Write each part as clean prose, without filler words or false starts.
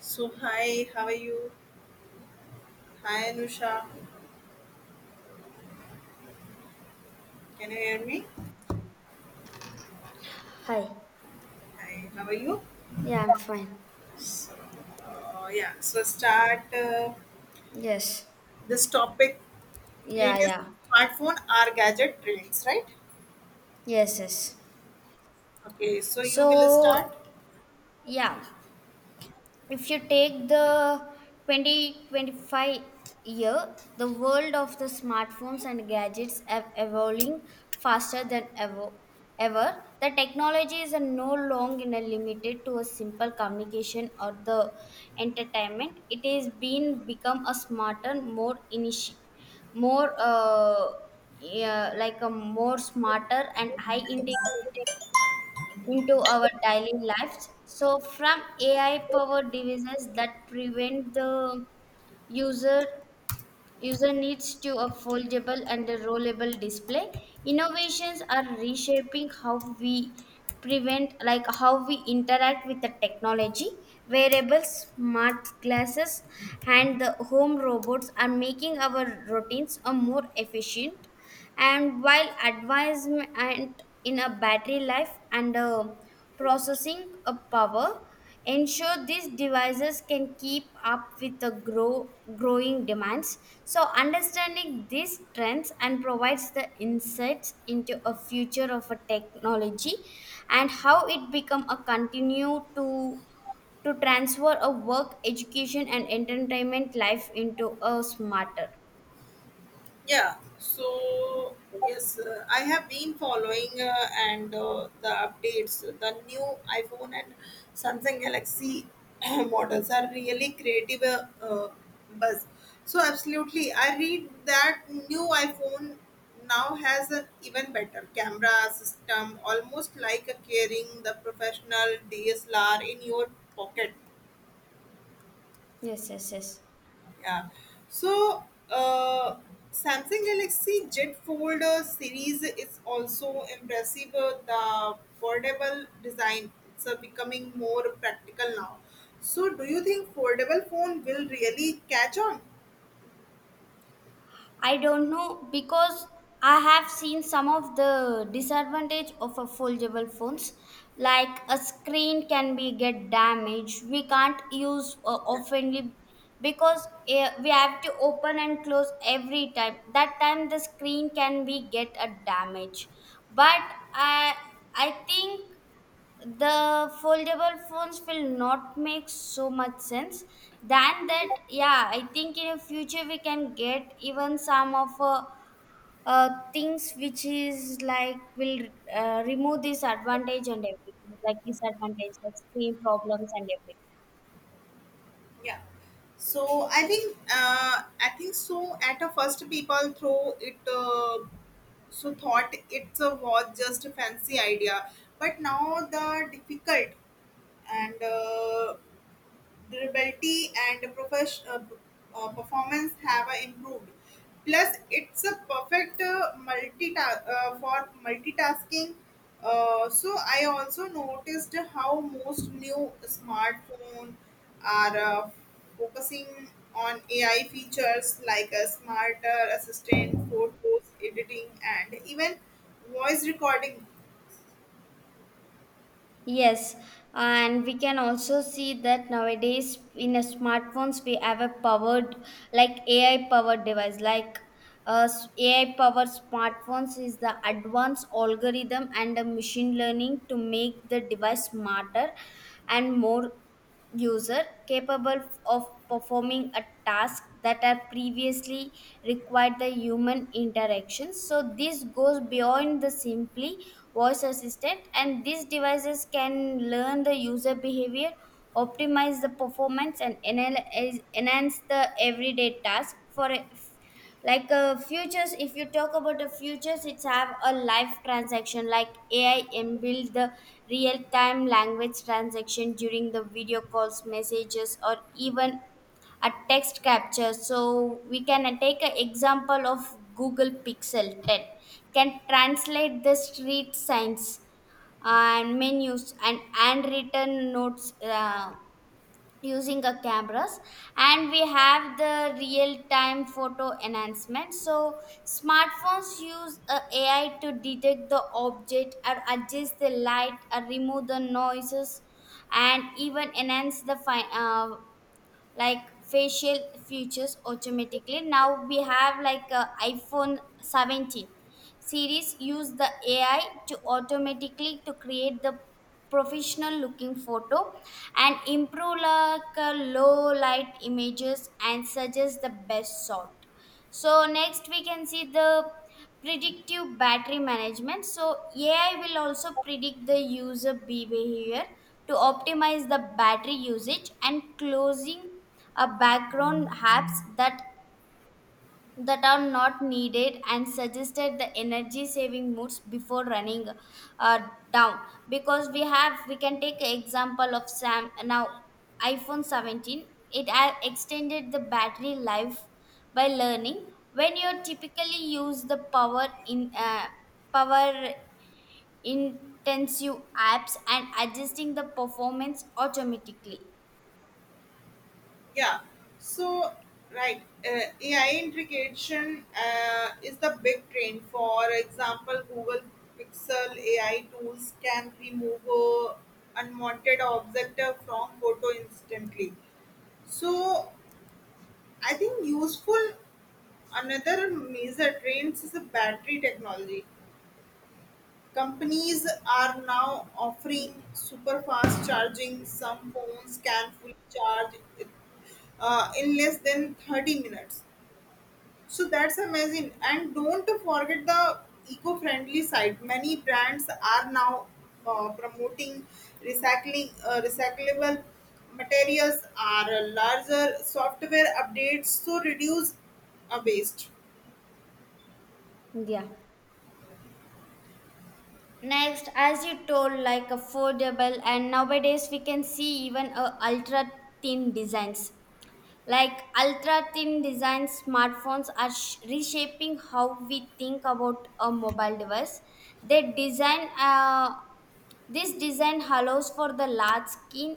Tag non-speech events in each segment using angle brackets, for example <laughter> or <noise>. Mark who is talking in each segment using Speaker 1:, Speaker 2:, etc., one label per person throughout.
Speaker 1: So hi, how are you? Hi Anusha, can you hear me?
Speaker 2: Hi.
Speaker 1: Hi, how are you?
Speaker 2: Yeah, I'm fine.
Speaker 1: So yeah, so start
Speaker 2: Yes.
Speaker 1: this topic
Speaker 2: Yeah,
Speaker 1: latest
Speaker 2: yeah.
Speaker 1: smartphone or gadget trends, right?
Speaker 2: Yes, yes.
Speaker 1: Okay, so you will start.
Speaker 2: So, yeah, if you take the 2025 year, the world of the smartphones and gadgets are evolving faster than ever. The technology is no longer limited to a simple communication or the entertainment. It is been become a smarter, more initi- more yeah, like a more smarter and high integrated into our daily lives. So, from AI powered devices that prevent the user user needs to a foldable and a rollable display, innovations are reshaping how we interact with the technology. Wearables, smart glasses, and the home robots are making our routines a more efficient. And while advancement in a battery life and processing of power ensure these devices can keep up with the growing demands. So understanding these trends and provides the insights into a future of a technology, and how it become a continue to transfer a work, education, and entertainment life into a smarter.
Speaker 1: Yeah, so yes, I have been following and the updates. The new iPhone and Samsung Galaxy <clears throat> models are really creative buzz. So absolutely, I read that new iPhone now has an even better camera system, almost like a carrying the professional DSLR in your pocket.
Speaker 2: Yes, yes, yes.
Speaker 1: Yeah. So, uh, Samsung Galaxy Jet Fold series is also impressive. The foldable design it's becoming more practical now. So, do you think foldable phone will really catch on?
Speaker 2: I don't know because I have seen some of the disadvantage of a foldable phones. Like a screen can be get damaged, we can't use oftenly because we have to open and close every time. That time the screen can be get a damage. But I I think the foldable phones will not make so much sense than that. Yeah, I think in the future we can get even some of things which is like will remove this advantage and everything, like disadvantage, like screen problems and everything.
Speaker 1: Yeah. So I think so. At a first, people throw it so thought it's a was just a fancy idea, but now the difficult and durability and performance have improved. Plus, it's a perfect for multitasking. So I also noticed how most new smartphone are focusing on AI features like a smarter assistant, photos editing, and even voice recording.
Speaker 2: Yes, and we can also see that nowadays in a smartphones we have a powered like AI powered device like AI powered smartphones is the advanced algorithm and a machine learning to make the device smarter and more user capable of performing a task that are previously required the human interaction. So this goes beyond the simply voice assistant, and these devices can learn the user behavior, optimize the performance, and enhance the everyday task for like futures. If you talk about the futures, it's have a live transaction like AI inbuilt the real time language transaction during the video calls, messages, or even a text capture. So we can take an example of Google Pixel 10 can translate the street signs and menus and handwritten notes using a cameras. And we have the real time photo enhancement, so smartphones use a AI to detect the object or adjust the light or remove the noises and even enhance the like facial features automatically. Now we have like a iPhone 17 series use the AI to automatically to create the professional looking photo and improve like low light images and suggest the best shot. So next we can see the predictive battery management. So AI will also predict the user behavior to optimize the battery usage and closing a background apps that that are not needed and suggested the energy saving modes before running uh, down. Because we can take example of sam now iPhone 17 it extended the battery life by learning when you typically use the power intensive apps and adjusting the performance automatically.
Speaker 1: Yeah. So, right, AI integration is the big trend. For example, Google Pixel AI tools can remove unwanted object from photo instantly. So, I think useful another major trend is the battery technology. Companies are now offering
Speaker 2: Y-
Speaker 1: super fast charging. Some phones can fully charge it, in less than 30 minutes. So that's amazing. And don't forget the eco-friendly side. Many brands are now promoting recyclable materials are larger software updates so reduce waste.
Speaker 2: yeah. Next, as you told, like affordable, and nowadays we can see even ultra thin designs. Like ultra thin design smartphones are reshaping how we think about a mobile device. They design, uh, this design allows for the large screen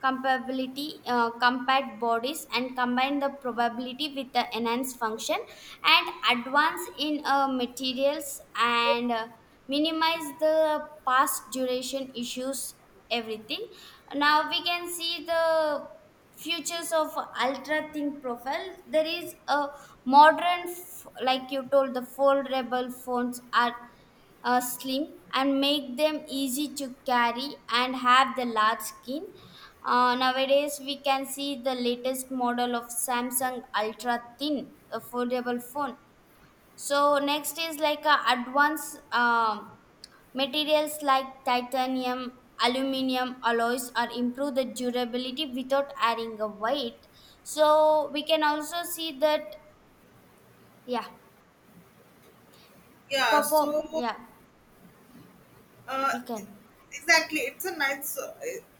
Speaker 2: compatibility, compact bodies, and combine the probability with the enhanced function and advance in materials and minimize the past duration issues, everything. Now we can see the futures of ultra thin profile. There is a modern, like you told, the foldable phones are slim and make them easy to carry and have the large skin. Nowadays, we can see the latest model of Samsung Ultra Thin affordable phone. So next is like a advanced materials like titanium, aluminium alloys are improve the durability without adding a weight. So we can also see that, yeah,
Speaker 1: Yeah, so
Speaker 2: perform, yeah,
Speaker 1: uh,
Speaker 2: you can.
Speaker 1: exactly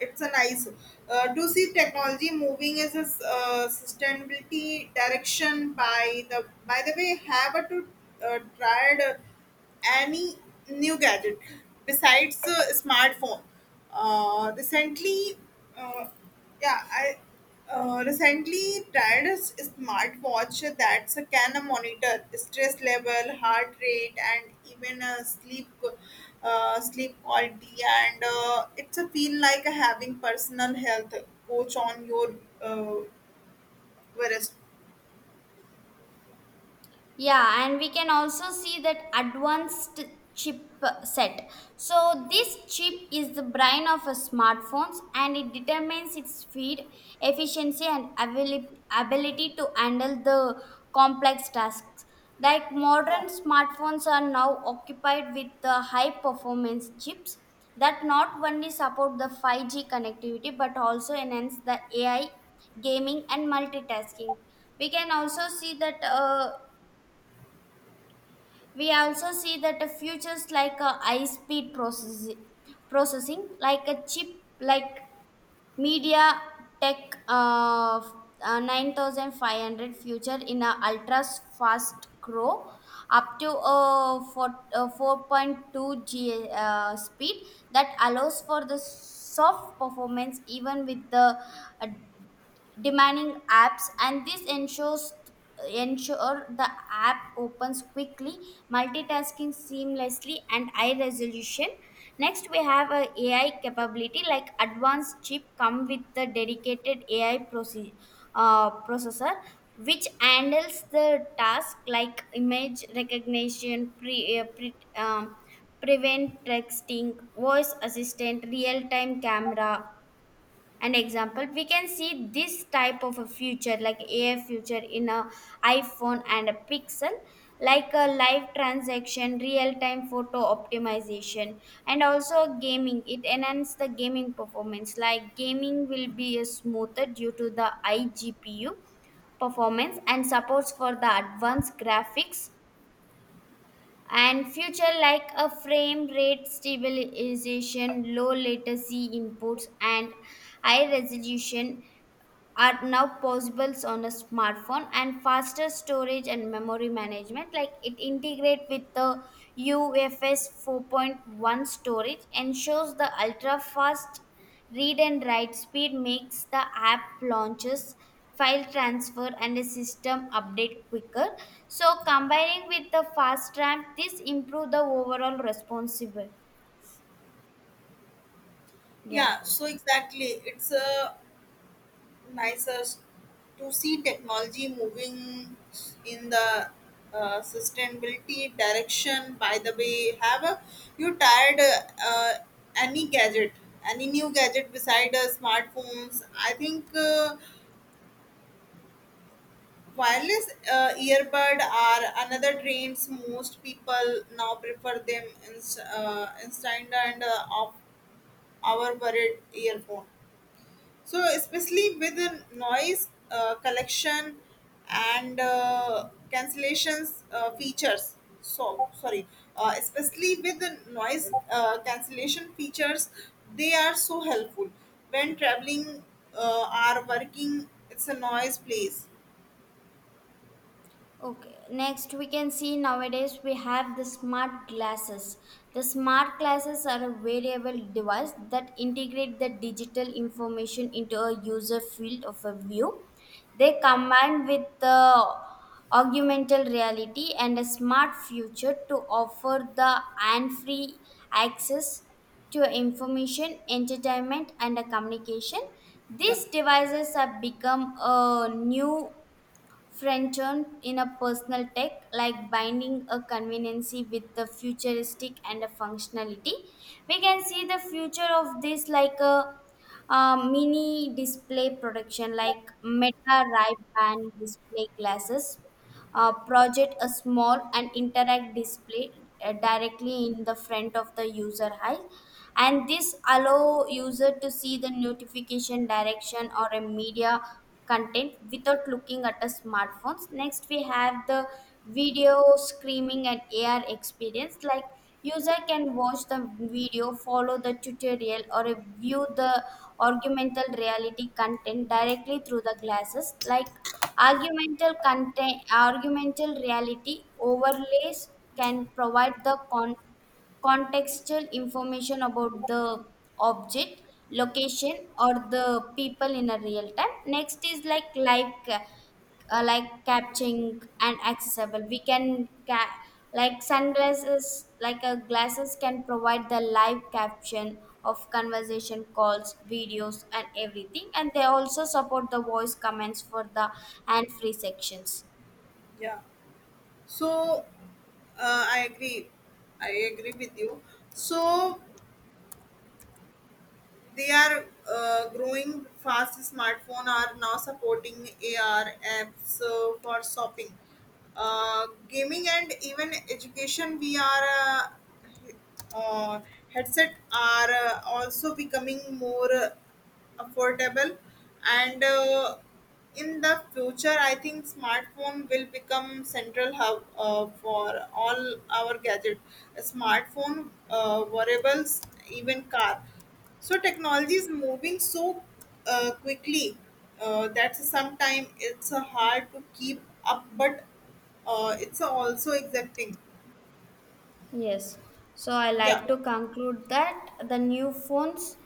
Speaker 1: it's a nice to see technology moving as a sustainability direction by the way have a to tried any new gadget besides smartphone recently. Uh, yeah i uh, recently tried a smartwatch that can monitor stress level, heart rate, and even sleep quality. And it's a feel like having personal health coach on your uh, wrist.
Speaker 2: Yeah, and we can also see that advanced chip set. So, this chip is the brain of a smartphones and it determines its speed, efficiency, and ability to handle the complex tasks. Like
Speaker 1: Yeah,
Speaker 2: modern smartphones are now occupied with the high performance chips that not only support the 5G connectivity but also enhance the AI, gaming, and multitasking. We can also see that uh, we also see that futures like high speed processing like a chip like Media Tech uh, 9500 future in a ultra fast grow up to 4, 4.2 G speed that allows for the soft performance even with the uh, demanding apps. And this ensure the app opens quickly, multitasking seamlessly and high resolution. Next, we have a AI capability like advanced chip come with the dedicated AI processor which handles the task like image recognition, prevent texting, voice assistant, real-time camera. An example we can see this type of a future like AI future in a iPhone and a Pixel, like a live transaction, real time photo optimization. And also gaming, it enhances the gaming performance, like gaming will be a smoother due to the iGPU performance and supports for the advanced graphics. And future like a frame rate stabilization, low latency inputs, and high resolution are now possible on a smartphone. And faster storage and memory management, like it integrate with the UFS 4.1 storage ensures the ultra fast read and write speed, makes the app launches, file transfer, and a system update quicker. So combining with the fast RAM, this improve the overall responsible. Yeah.
Speaker 1: yeah. So exactly, it's a nicer to see technology moving in the sustainability direction. By the way, have you tried any gadget, any new gadget beside smartphones? I think wireless earbud are another trends. Most people now prefer them instead and of our wired earphone. So especially with the noise collection and cancellations features. So sorry, especially with the noise cancellation features, they are so helpful when traveling are working it's a noise place.
Speaker 2: Okay, next we can see nowadays we have the smart glasses. The smart glasses are a variable device that integrate the digital information into a user field of a view. They combine with the augmented reality and a smart future to offer the hand-free access to information, entertainment, and a communication.
Speaker 1: Yeah.
Speaker 2: These devices have become a new Frenchon in a personal tech, like binding a conveniency with the futuristic and a functionality. We can see the future of this like a, mini display production, like Meta Ray-Ban display glasses project a small and interact display directly in the front of the user eye. And this allow user to see the notification direction or a media content without looking at a smartphones. Next we have the video screaming and AR experience, like user can watch the video, follow the tutorial or view the augmented reality content directly through the glasses, like argumental content, argumental reality overlays can provide the contextual information about the object, location, or the people in a real time. Next is like like catching and accessible. We can like sunglasses, like a glasses can provide the live caption of conversation calls, videos, and everything, and they also support the voice comments for the and free sections.
Speaker 1: Yeah. So I agree, I agree with you. So they are growing fast. Smartphone are now supporting AR apps for shopping, gaming, and even education. We are uh, headset are also becoming more affordable and in the future I think smartphone will become central hub for all our gadget, smartphone, wearables, even car. So technology is moving so quickly that sometimes it's hard to keep up, but it's also exacting.
Speaker 2: Yes, so I like
Speaker 1: Yeah.
Speaker 2: to conclude that the new phones.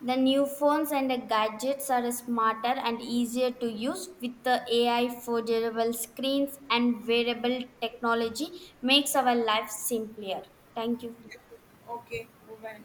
Speaker 2: The new phones and the gadgets are smarter and easier to use with the AI foldable screens and wearable technology makes our life simpler. Thank you.
Speaker 1: Okay. Bye.